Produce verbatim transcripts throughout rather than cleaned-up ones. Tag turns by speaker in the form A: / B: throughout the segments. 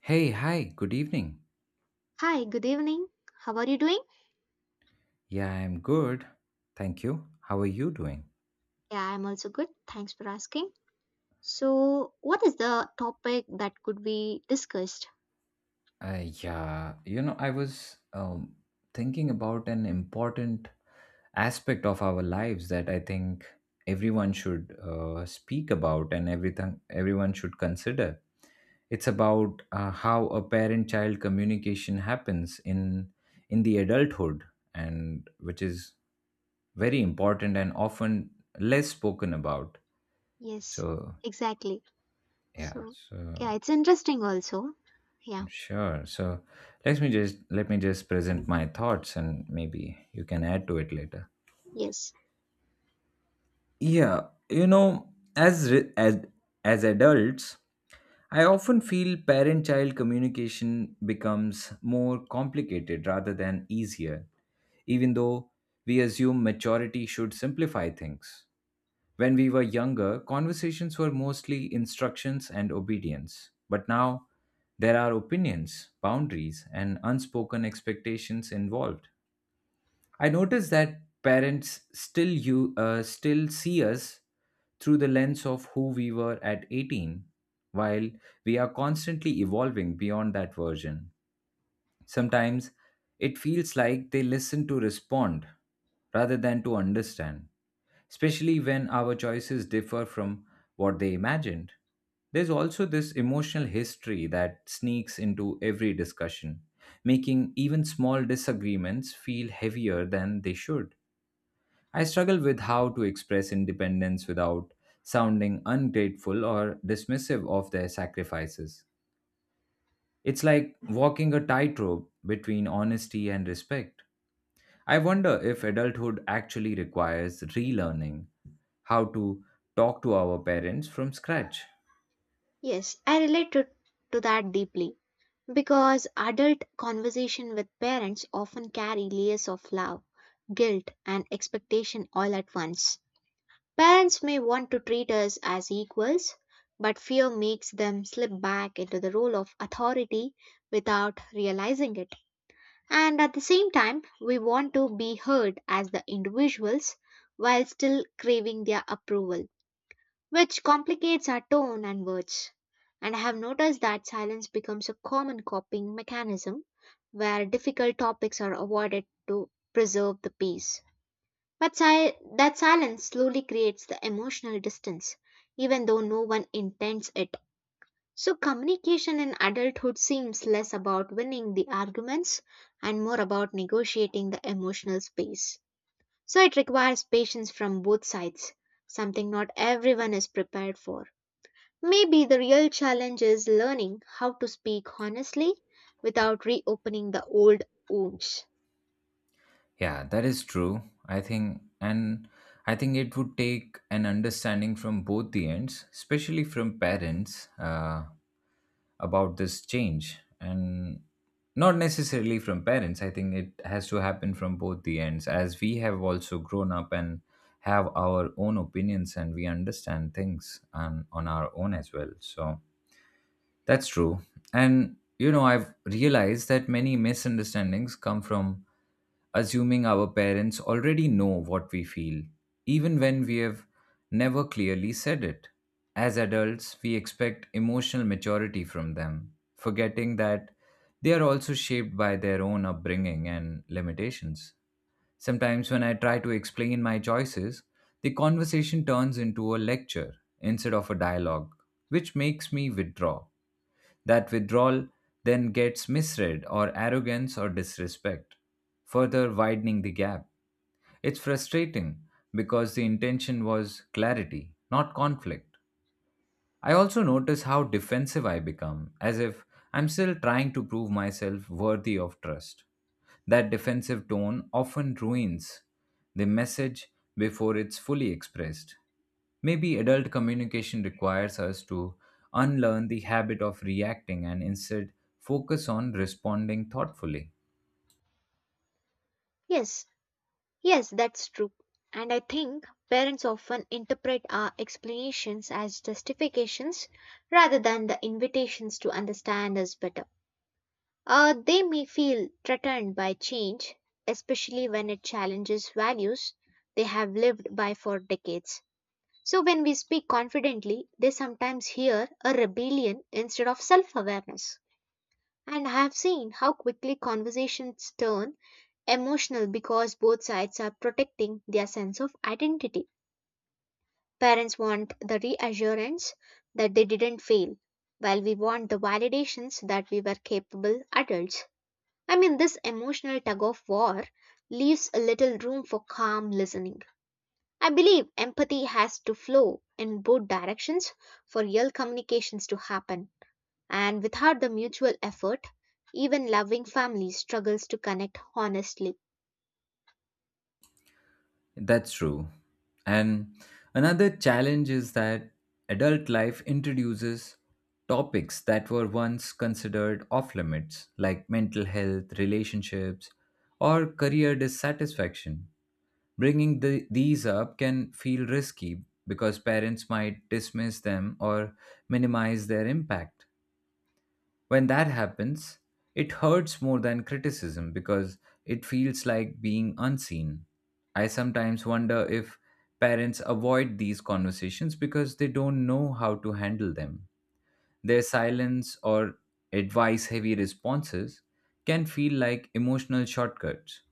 A: Hey, hi, good evening.
B: Hi, good evening. How are you doing?
A: Yeah, I'm good. Thank you. How are you doing?
B: Yeah, I'm also good. Thanks for asking. So, what is the topic that could be discussed?
A: Uh, yeah, you know, I was um, thinking about an important aspect of our lives that I think everyone should uh, speak about and everything everyone should consider. It's about uh, how a parent-child communication happens in in the adulthood, and which is very important and often less spoken about.
B: Yes,
A: So
B: exactly.
A: yeah,
B: So, yeah,
A: so
B: it's interesting also. Yeah,
A: sure. So let me just let me just present my thoughts, and maybe you can add to it later.
B: yes.
A: Yeah, you know, as re- as as adults, I often feel parent-child communication becomes more complicated rather than easier, even though we assume maturity should simplify things. When we were younger, conversations were mostly instructions and obedience. But now, there are opinions, boundaries, and unspoken expectations involved. I notice that parents still you uh, still see us through the lens of who we were at eighteen while we are constantly evolving beyond that version. Sometimes it feels like they listen to respond rather than to understand, especially when our choices differ from what they imagined. There's also this emotional history that sneaks into every discussion, making even small disagreements feel heavier than they should. I struggle with how to express independence without sounding ungrateful or dismissive of their sacrifices. It's like walking a tightrope between honesty and respect. I wonder if adulthood actually requires relearning how to talk to our parents from scratch.
B: Yes, I relate to, to that deeply because adult conversation with parents often carry layers of love, guilt, and expectation all at once. Parents may want to treat us as equals, but fear makes them slip back into the role of authority without realizing it. And at the same time, we want to be heard as the individuals while still craving their approval, which complicates our tone and words. And I have noticed that silence becomes a common coping mechanism where difficult topics are avoided to preserve the peace. But si- that silence slowly creates the emotional distance, even though no one intends it. So, communication in adulthood seems less about winning the arguments and more about negotiating the emotional space. So, it requires patience from both sides, something not everyone is prepared for. Maybe the real challenge is learning how to speak honestly without reopening the old wounds.
A: Yeah, that is true. I think, and I think it would take an understanding from both the ends, especially from parents, uh, about this change. And not necessarily from parents, I think it has to happen from both the ends, as we have also grown up and have our own opinions and we understand things on, on our own as well. So, that's true. And, you know, I've realized that many misunderstandings come from assuming our parents already know what we feel, even when we have never clearly said it. As adults, we expect emotional maturity from them, forgetting that they are also shaped by their own upbringing and limitations. Sometimes, when I try to explain my choices, the conversation turns into a lecture instead of a dialogue, which makes me withdraw. That withdrawal then gets misread or arrogance or disrespect, further widening the gap. It's frustrating because the intention was clarity, not conflict. I also notice how defensive I become, as if I'm still trying to prove myself worthy of trust. That defensive tone often ruins the message before it's fully expressed. Maybe adult communication requires us to unlearn the habit of reacting and instead focus on responding thoughtfully.
B: Yes, yes, that's true. And I think parents often interpret our explanations as justifications rather than the invitations to understand us better. Uh, they may feel threatened by change, especially when it challenges values they have lived by for decades. So, when we speak confidently, they sometimes hear a rebellion instead of self awareness. And I have seen how quickly conversations turn emotional because both sides are protecting their sense of identity. Parents want the reassurance that they didn't fail, while we want the validations that we were capable adults. I mean, this emotional tug of war leaves a little room for calm listening. I believe empathy has to flow in both directions for real communications to happen. And without the mutual effort, even loving family struggles to connect honestly.
A: That's true. And another challenge is that adult life introduces topics that were once considered off limits, like mental health, relationships, or career dissatisfaction. Bringing the, these up can feel risky because parents might dismiss them or minimize their impact. When that happens, it hurts more than criticism because it feels like being unseen. I sometimes wonder if parents avoid these conversations because they don't know how to handle them. Their silence or advice heavy responses can feel like emotional shortcuts.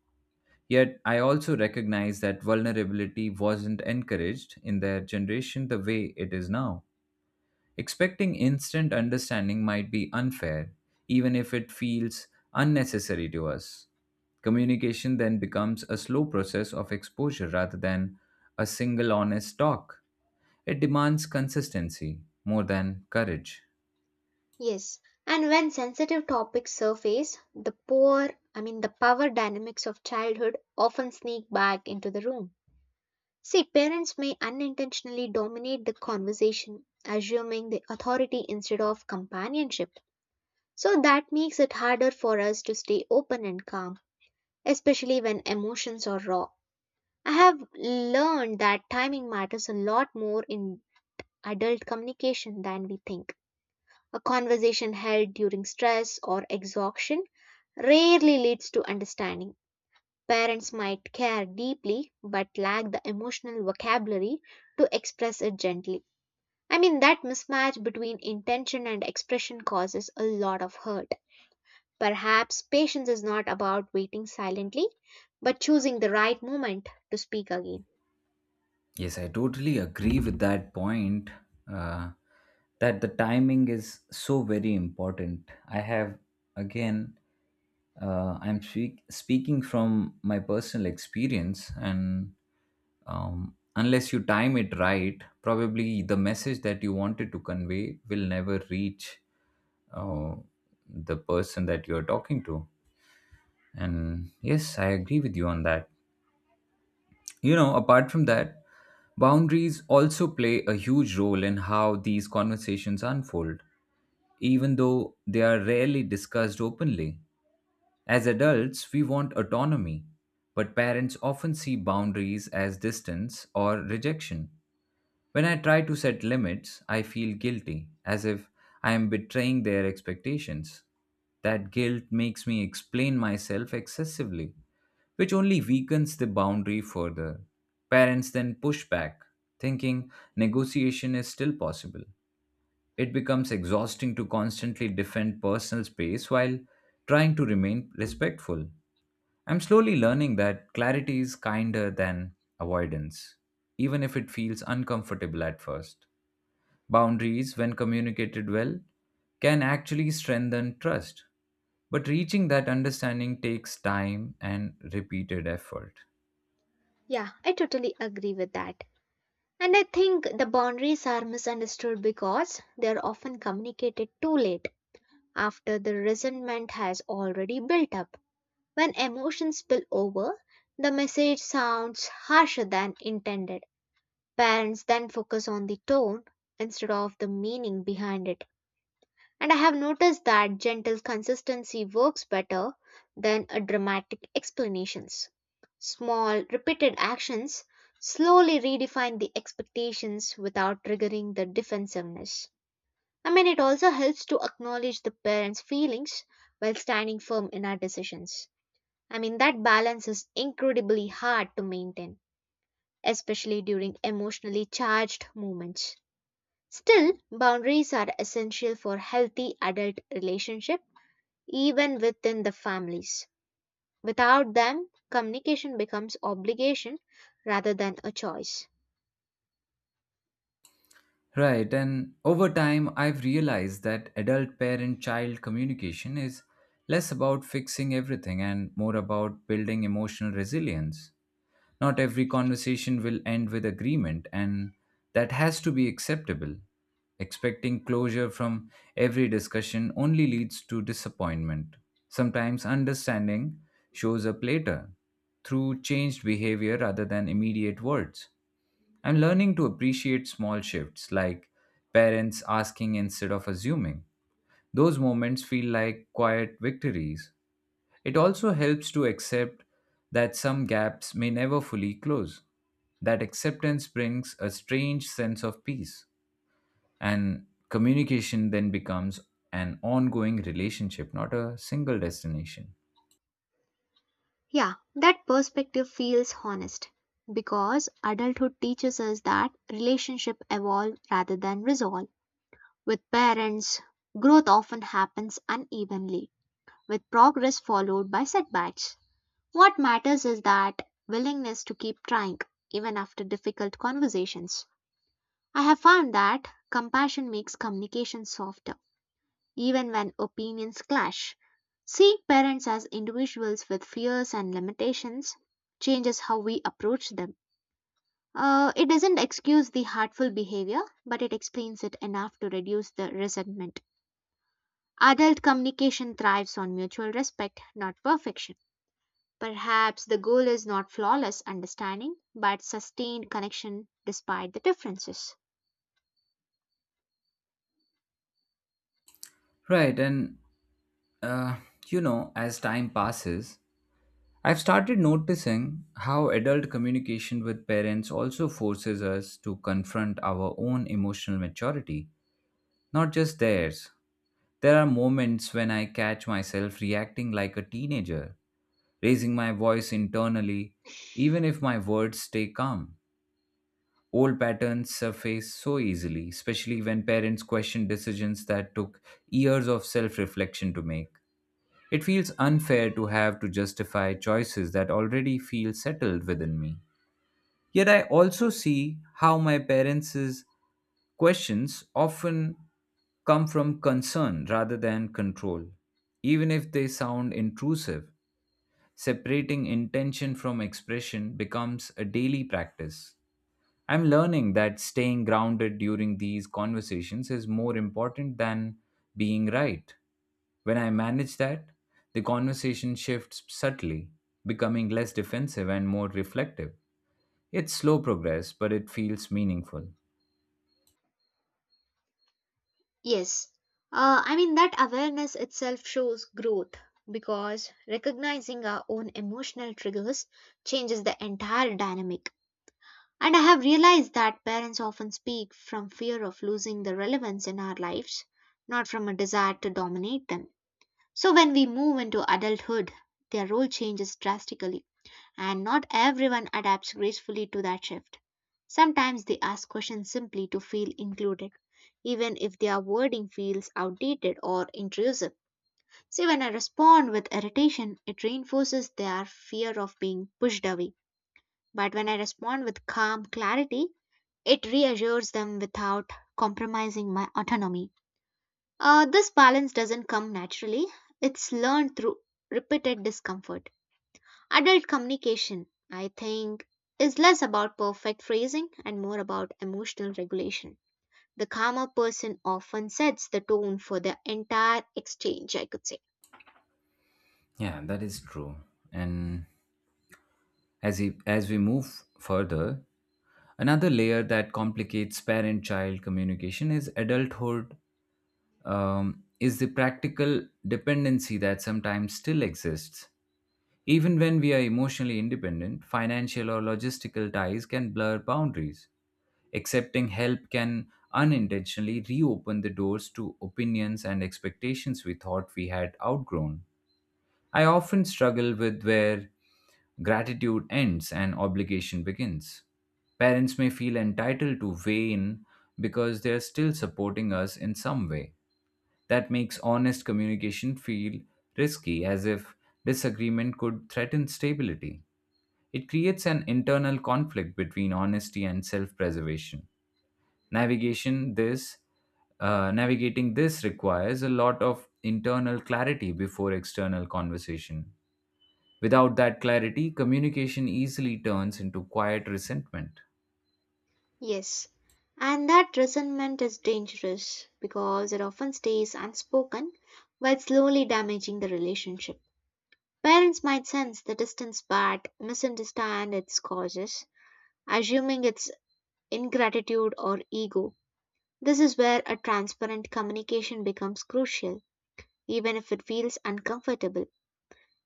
A: Yet, I also recognize that vulnerability wasn't encouraged in their generation the way it is now. Expecting instant understanding might be unfair, even if it feels unnecessary to us. Communication then becomes a slow process of exposure rather than a single honest talk. It demands consistency more than courage.
B: Yes. And when sensitive topics surface, the poor, I mean, the power dynamics of childhood often sneak back into the room. See, parents may unintentionally dominate the conversation, assuming the authority instead of companionship. So that makes it harder for us to stay open and calm, especially when emotions are raw. I have learned that timing matters a lot more in adult communication than we think. A conversation held during stress or exhaustion rarely leads to understanding. Parents might care deeply but lack the emotional vocabulary to express it gently. I mean, that mismatch between intention and expression causes a lot of hurt. Perhaps patience is not about waiting silently, but choosing the right moment to speak again.
A: Yes, I totally agree with that point. Uh, that the timing is so very important. I have again, uh, I'm speak- speaking from my personal experience, and um, unless you time it right, probably the message that you wanted to convey will never reach uh, the person that you're talking to. And yes, I agree with you on that. You know, apart from that, boundaries also play a huge role in how these conversations unfold, even though they are rarely discussed openly. As adults, we want autonomy, but parents often see boundaries as distance or rejection. When I try to set limits, I feel guilty, as if I am betraying their expectations. That guilt makes me explain myself excessively, which only weakens the boundary further. Parents then push back, thinking negotiation is still possible. It becomes exhausting to constantly defend personal space while trying to remain respectful. I'm slowly learning that clarity is kinder than avoidance, even if it feels uncomfortable at first. Boundaries, when communicated well, can actually strengthen trust. But reaching that understanding takes time and repeated effort.
B: Yeah, I totally agree with that. And I think the boundaries are misunderstood because they are often communicated too late, after the resentment has already built up. When emotions spill over, the message sounds harsher than intended. Parents then focus on the tone instead of the meaning behind it. And I have noticed that gentle consistency works better than a dramatic explanations. Small, repeated actions slowly redefine the expectations without triggering the defensiveness. I mean, it also helps to acknowledge the parents' feelings while standing firm in our decisions. I mean, that balance is incredibly hard to maintain, especially during emotionally charged moments. Still, boundaries are essential for healthy adult relationships even within the families. Without them, communication becomes obligation rather than a choice.
A: Right. And over time, I've realized that adult parent child communication is less about fixing everything and more about building emotional resilience. Not every conversation will end with agreement, and that has to be acceptable. Expecting closure from every discussion only leads to disappointment. Sometimes understanding shows up later through changed behavior rather than immediate words, and learning to appreciate small shifts like parents asking instead of assuming. Those moments feel like quiet victories. It also helps to accept that some gaps may never fully close. That acceptance brings a strange sense of peace, and communication then becomes an ongoing relationship, not a single destination.
B: Yeah, that perspective feels honest because adulthood teaches us that relationships evolve rather than resolve. With parents, growth often happens unevenly, with progress followed by setbacks. What matters is that willingness to keep trying, even after difficult conversations. I have found that compassion makes communication softer even when opinions clash. Seeing parents as individuals with fears and limitations changes how we approach them. Uh, it doesn't excuse the hurtful behavior, but it explains it enough to reduce the resentment. Adult communication thrives on mutual respect, not perfection. Perhaps the goal is not flawless understanding, but sustained connection despite the differences.
A: Right, and uh, you know, as time passes, I've started noticing how adult communication with parents also forces us to confront our own emotional maturity, not just theirs. There are moments when I catch myself reacting like a teenager, raising my voice internally, even if my words stay calm. Old patterns surface so easily, especially when parents question decisions that took years of self reflection to make. It feels unfair to have to justify choices that already feel settled within me. Yet I also see how my parents' questions often come from concern rather than control, even if they sound intrusive. Separating intention from expression becomes a daily practice. I'm learning that staying grounded during these conversations is more important than being right. When I manage that, the conversation shifts subtly, becoming less defensive and more reflective. It's slow progress, but it feels meaningful.
B: Yes. Uh, I mean, that awareness itself shows growth because recognizing our own emotional triggers changes the entire dynamic. And I have realized that parents often speak from fear of losing the relevance in our lives, not from a desire to dominate them. So when we move into adulthood, their role changes drastically and not everyone adapts gracefully to that shift. Sometimes they ask questions simply to feel included, even if their wording feels outdated or intrusive. See, when I respond with irritation, it reinforces their fear of being pushed away. But when I respond with calm clarity, it reassures them without compromising my autonomy. Uh, this balance doesn't come naturally, it's learned through repeated discomfort. Adult communication, I think, is less about perfect phrasing and more about emotional regulation. The calmer person often sets the tone for the entire exchange, I could say.
A: Yeah, that is true. And as we, as we move further, another layer that complicates parent-child communication is adulthood, um, is the practical dependency that sometimes still exists. Even when we are emotionally independent, financial or logistical ties can blur boundaries. Accepting help can unintentionally reopen the doors to opinions and expectations we thought we had outgrown. I often struggle with where gratitude ends and obligation begins. Parents may feel entitled to weigh in because they are still supporting us in some way. That makes honest communication feel risky, as if disagreement could threaten stability. It creates an internal conflict between honesty and self preservation. Navigation this uh, Navigating this requires a lot of internal clarity before external conversation. Without that clarity, communication easily turns into quiet resentment.
B: Yes, and that resentment is dangerous because it often stays unspoken while slowly damaging the relationship. Parents might sense the distance but misunderstand its causes, assuming it's ingratitude or ego. This is where a transparent communication becomes crucial, even if it feels uncomfortable.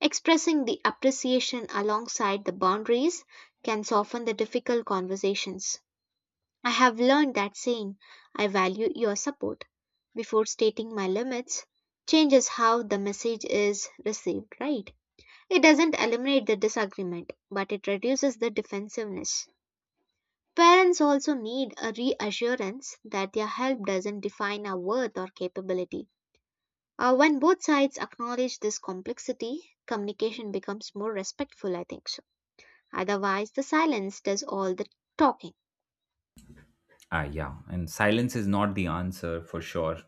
B: Expressing the appreciation alongside the boundaries can soften the difficult conversations. I have learned that saying, "I value your support," before stating my limits, changes how the message is received, right? It doesn't eliminate the disagreement, but it reduces the defensiveness. Parents also need a reassurance that their help doesn't define our worth or capability. Uh, when both sides acknowledge this complexity, communication becomes more respectful, I think so. Otherwise, the silence does all the talking.
A: Ah, yeah, and silence is not the answer for sure.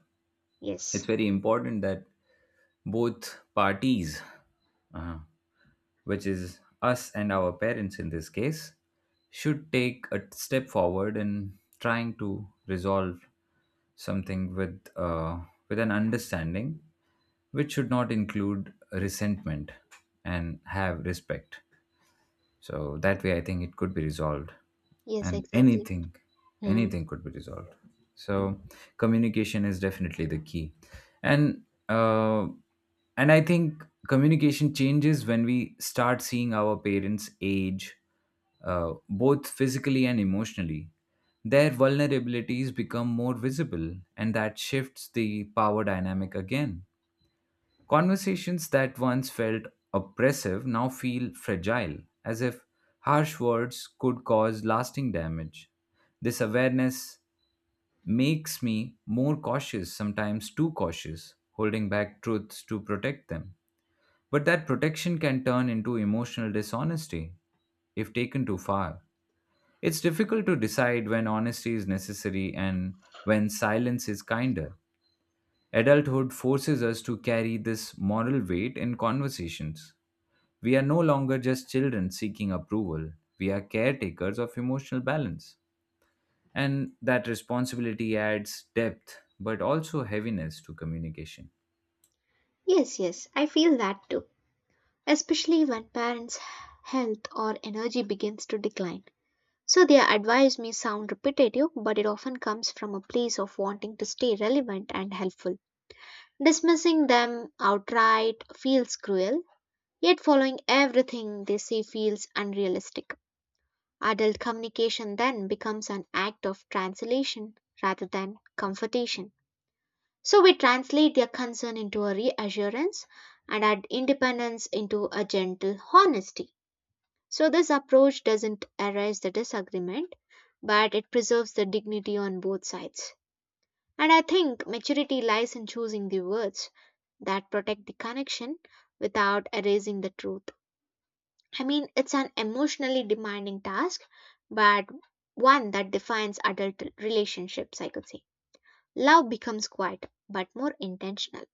B: Yes.
A: It's very important that both parties, uh, which is us and our parents in this case, should take a step forward in trying to resolve something with uh, with an understanding, which should not include resentment and have respect. So that way, I think it could be resolved,
B: Yes,
A: and
B: exactly.
A: anything,
B: Hmm.
A: anything could be resolved. So communication is definitely the key, and uh, and I think communication changes when we start seeing our parents age, uh, both physically and emotionally. Their vulnerabilities become more visible, and that shifts the power dynamic again. Conversations that once felt oppressive now feel fragile, as if harsh words could cause lasting damage. This awareness makes me more cautious, sometimes too cautious, holding back truths to protect them. But that protection can turn into emotional dishonesty if taken too far. It's difficult to decide when honesty is necessary and when silence is kinder. Adulthood forces us to carry this moral weight in conversations. We are no longer just children seeking approval, we are caretakers of emotional balance. And that responsibility adds depth but also heaviness to communication.
B: Yes, yes, I feel that too. Especially when parents' health or energy begins to decline. So their advice may sound repetitive, but it often comes from a place of wanting to stay relevant and helpful. Dismissing them outright feels cruel, yet following everything they say feels unrealistic. Adult communication then becomes an act of translation rather than comfortation. So we translate their concern into a reassurance and our independence into a gentle honesty. So this approach doesn't erase the disagreement, but it preserves the dignity on both sides. And I think maturity lies in choosing the words that protect the connection without erasing the truth. I mean, it's an emotionally demanding task, but one that defines adult relationships, I could say. Love becomes quiet, but more intentional.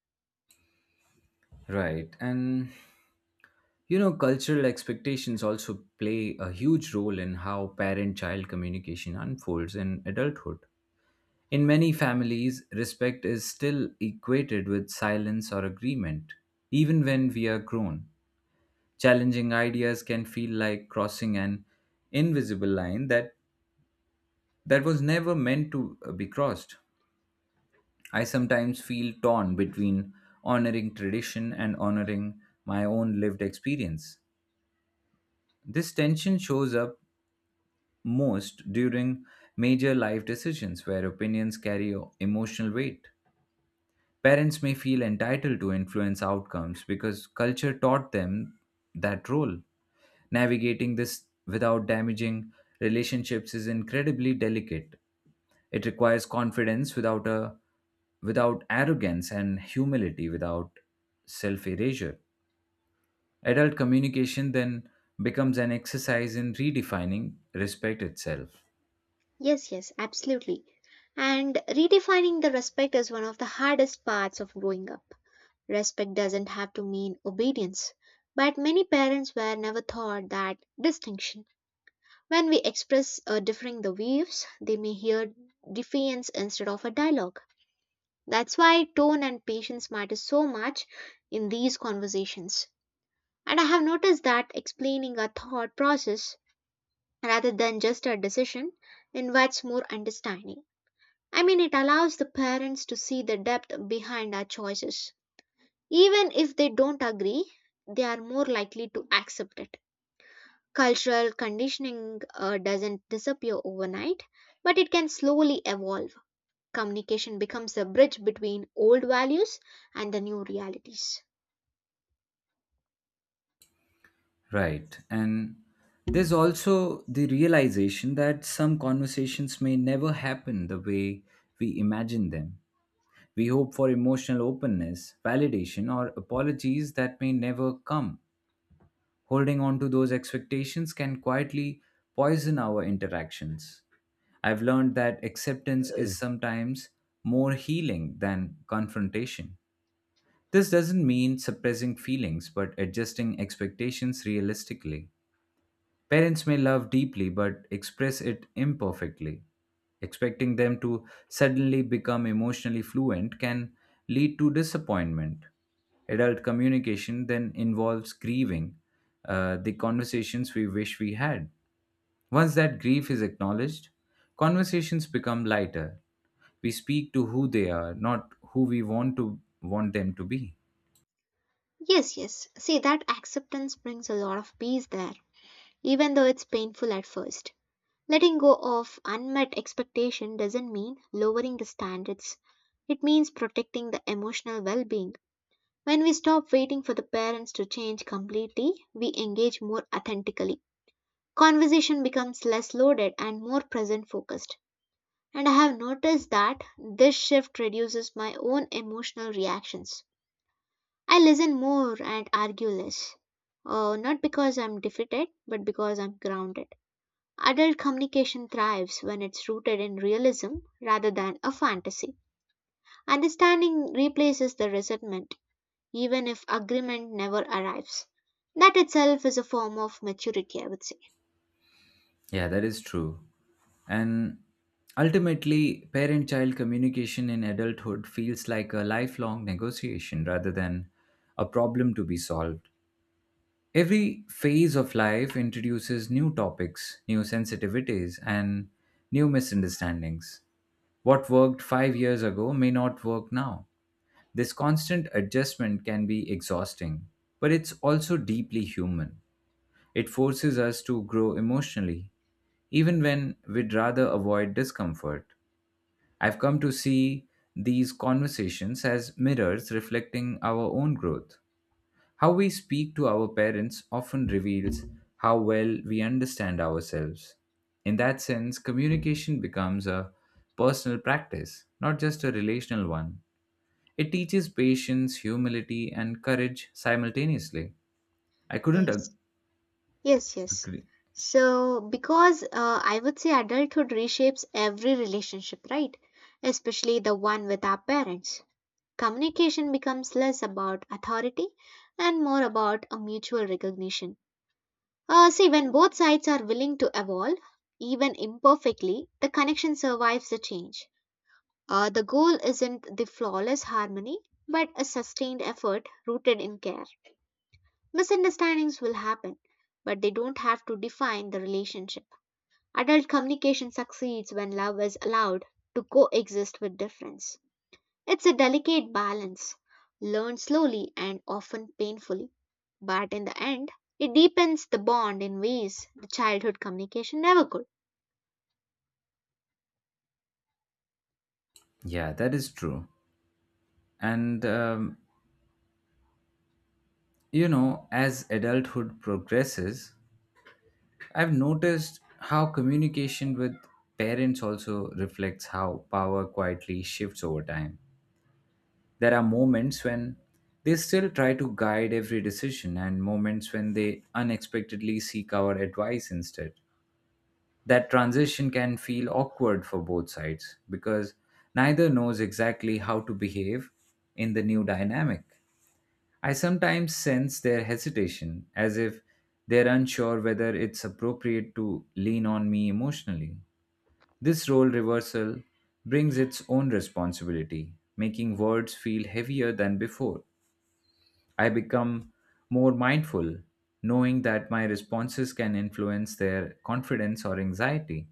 A: Right. And you know, cultural expectations also play a huge role in how parent child communication unfolds in adulthood. In many families, respect is still equated with silence or agreement, even when we are grown. Challenging ideas can feel like crossing an invisible line that, that was never meant to uh, be crossed. I sometimes feel torn between honoring tradition and honoring my own lived experience. This tension shows up most during major life decisions where opinions carry emotional weight. Parents may feel entitled to influence outcomes because culture taught them that role. Navigating this without damaging relationships is incredibly delicate. It requires confidence without a without arrogance and humility without self erasure. Adult communication then becomes an exercise in redefining respect itself.
B: Yes, yes, absolutely. And redefining the respect is one of the hardest parts of growing up. Respect doesn't have to mean obedience, but many parents were never taught that distinction. When we express uh, differing the views, they may hear defiance instead of a dialogue. That's why tone and patience matter so much in these conversations. And I have noticed that explaining a thought process rather than just a decision invites more understanding. I mean, it allows the parents to see the depth behind our choices. Even if they don't agree, they are more likely to accept it. Cultural conditioning uh, doesn't disappear overnight, but it can slowly evolve. Communication becomes a bridge between old values and the new realities.
A: Right. And there's also the realization that some conversations may never happen the way we imagine them. We hope for emotional openness, validation, or apologies that may never come. Holding on to those expectations can quietly poison our interactions. I've learned that acceptance is sometimes more healing than confrontation. This doesn't mean suppressing feelings, but adjusting expectations realistically. Parents may love deeply but express it imperfectly. Expecting them to suddenly become emotionally fluent can lead to disappointment. Adult communication then involves grieving uh, the conversations we wish we had. Once that grief is acknowledged, conversations become lighter. We speak to who they are, not who we want to want them to be.
B: Yes, yes. See, that acceptance brings a lot of peace there, even though it's painful at first. Letting go of unmet expectation doesn't mean lowering the standards. It means protecting the emotional well-being. When we stop waiting for the parents to change completely, we engage more authentically. Conversation becomes less loaded and more present focused. And I have noticed that this shift reduces my own emotional reactions. I listen more and argue less. Uh, not because I'm defeated, but because I'm grounded. Adult communication thrives when it's rooted in realism rather than a fantasy. Understanding replaces the resentment, even if agreement never arrives. That itself is a form of maturity, I would say.
A: Yeah, that is true. And ultimately, parent child communication in adulthood feels like a lifelong negotiation rather than a problem to be solved. Every phase of life introduces new topics, new sensitivities, and new misunderstandings. What worked five years ago may not work now. This constant adjustment can be exhausting, but it's also deeply human. It forces us to grow emotionally even when we'd rather avoid discomfort. I've come to see these conversations as mirrors reflecting our own growth. How we speak to our parents often reveals how well we understand ourselves. In that sense, communication becomes a personal practice, not just a relational one. It teaches patience, humility, and courage simultaneously. I couldn't ag-
B: Yes. Yes, yes.
A: agree.
B: So, because uh, I would say adulthood reshapes every relationship, right? Especially the one with our parents. Communication becomes less about authority and more about a mutual recognition. Uh, see, when both sides are willing to evolve, even imperfectly, the connection survives the change. Uh, the goal isn't the flawless harmony, but a sustained effort rooted in care. Misunderstandings will happen, but they don't have to define the relationship. Adult communication succeeds when love is allowed to coexist with difference. It's a delicate balance, learned slowly and often painfully, but in the end, it deepens the bond in ways the childhood communication never could.
A: Yeah, that is true. And um, you know, as adulthood progresses, I've noticed how communication with parents also reflects how power quietly shifts over time. There are moments when they still try to guide every decision, and moments when they unexpectedly seek our advice instead, that transition can feel awkward for both sides because neither knows exactly how to behave in the new dynamic. I sometimes sense their hesitation as if they're unsure whether it's appropriate to lean on me emotionally. This role reversal brings its own responsibility, making words feel heavier than before. I become more mindful, knowing that my responses can influence their confidence or anxiety.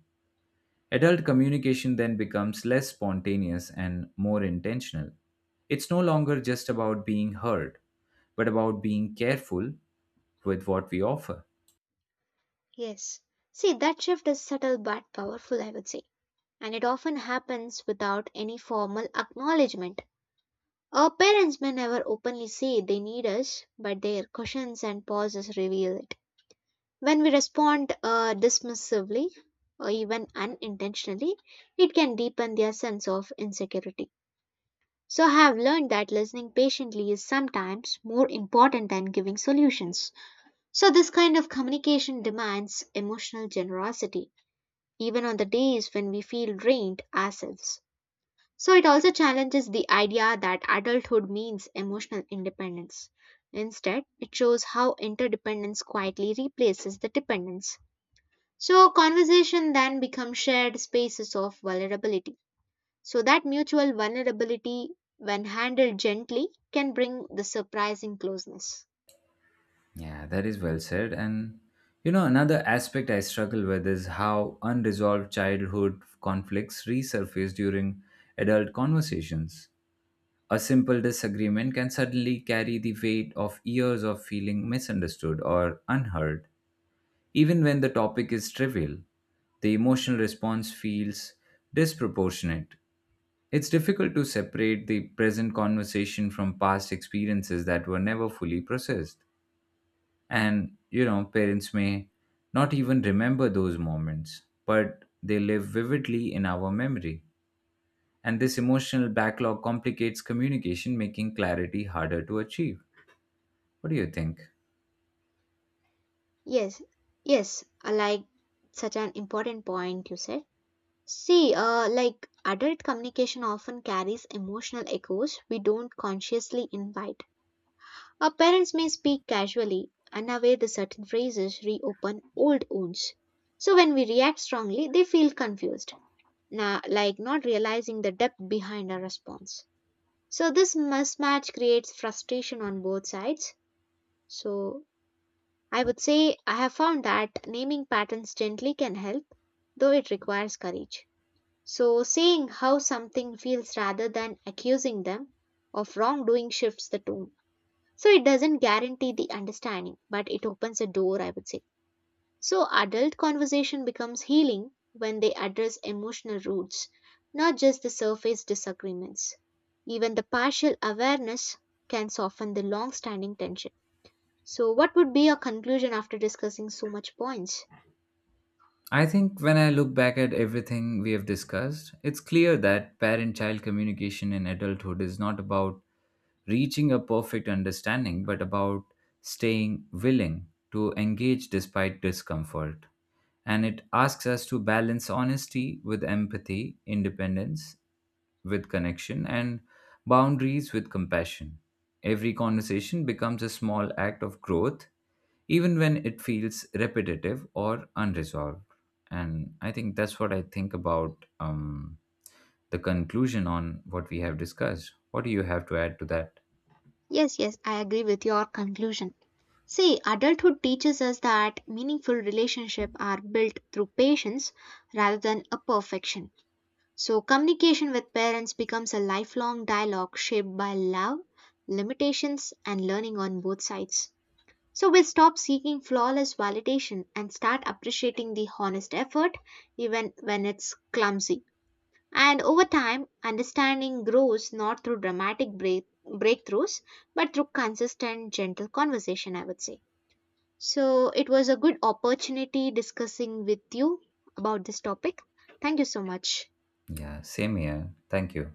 A: Adult communication then becomes less spontaneous and more intentional. It's no longer just about being heard, but about being careful with what we offer.
B: Yes. See, that shift is subtle but powerful, I would say, and it often happens without any formal acknowledgement. Our parents may never openly say they need us, but their questions and pauses reveal it. When we respond uh, dismissively or even unintentionally, it can deepen their sense of insecurity. So, I have learned that listening patiently is sometimes more important than giving solutions. So, this kind of communication demands emotional generosity, even on the days when we feel drained ourselves. So, it also challenges the idea that adulthood means emotional independence. Instead, it shows how interdependence quietly replaces the dependence. So, conversation then become shared spaces of vulnerability. So, that mutual vulnerability, when handled gently, can bring the surprising closeness.
A: Yeah, that is well said. And you know, another aspect I struggle with is how unresolved childhood conflicts resurface during adult conversations. A simple disagreement can suddenly carry the weight of years of feeling misunderstood or unheard. Even when the topic is trivial, the emotional response feels disproportionate. It's difficult to separate the present conversation from past experiences that were never fully processed. And, you know, parents may not even remember those moments, but they live vividly in our memory. And this emotional backlog complicates communication, making clarity harder to achieve. What do you think?
B: Yes, yes, I like such an important point you said. See, uh, like adult communication often carries emotional echoes we don't consciously invite. Our parents may speak casually, unaware the certain phrases reopen old wounds. So, when we react strongly, they feel confused na- like not realizing the depth behind our response. So this mismatch creates frustration on both sides. So I would say I have found that naming patterns gently can help, though it requires courage. So saying how something feels rather than accusing them of wrongdoing shifts the tone. So it doesn't guarantee the understanding, but it opens a door, I would say. So, adult conversation becomes healing when they address emotional roots, not just the surface disagreements. Even the partial awareness can soften the long standing tension. So, what would be your conclusion after discussing so much points?
A: I think when I look back at everything we have discussed, it's clear that parent child communication in adulthood is not about reaching a perfect understanding, but about staying willing to engage despite discomfort. And it asks us to balance honesty with empathy, independence with connection, and boundaries with compassion. Every conversation becomes a small act of growth even when it feels repetitive or unresolved. And I think that's what I think about, um, the conclusion on what we have discussed. What do you have to add to that?
B: Yes, yes, I agree with your conclusion. See, adulthood teaches us that meaningful relationships are built through patience rather than a perfection. So, communication with parents becomes a lifelong dialogue shaped by love, limitations, and learning on both sides. So, we'll stop seeking flawless validation and start appreciating the honest effort, even when it's clumsy. And over time, understanding grows not through dramatic break- breakthroughs, but through consistent, gentle conversation, I would say. So, it was a good opportunity discussing with you about this topic. Thank you so much.
A: Yeah, same here. Thank you.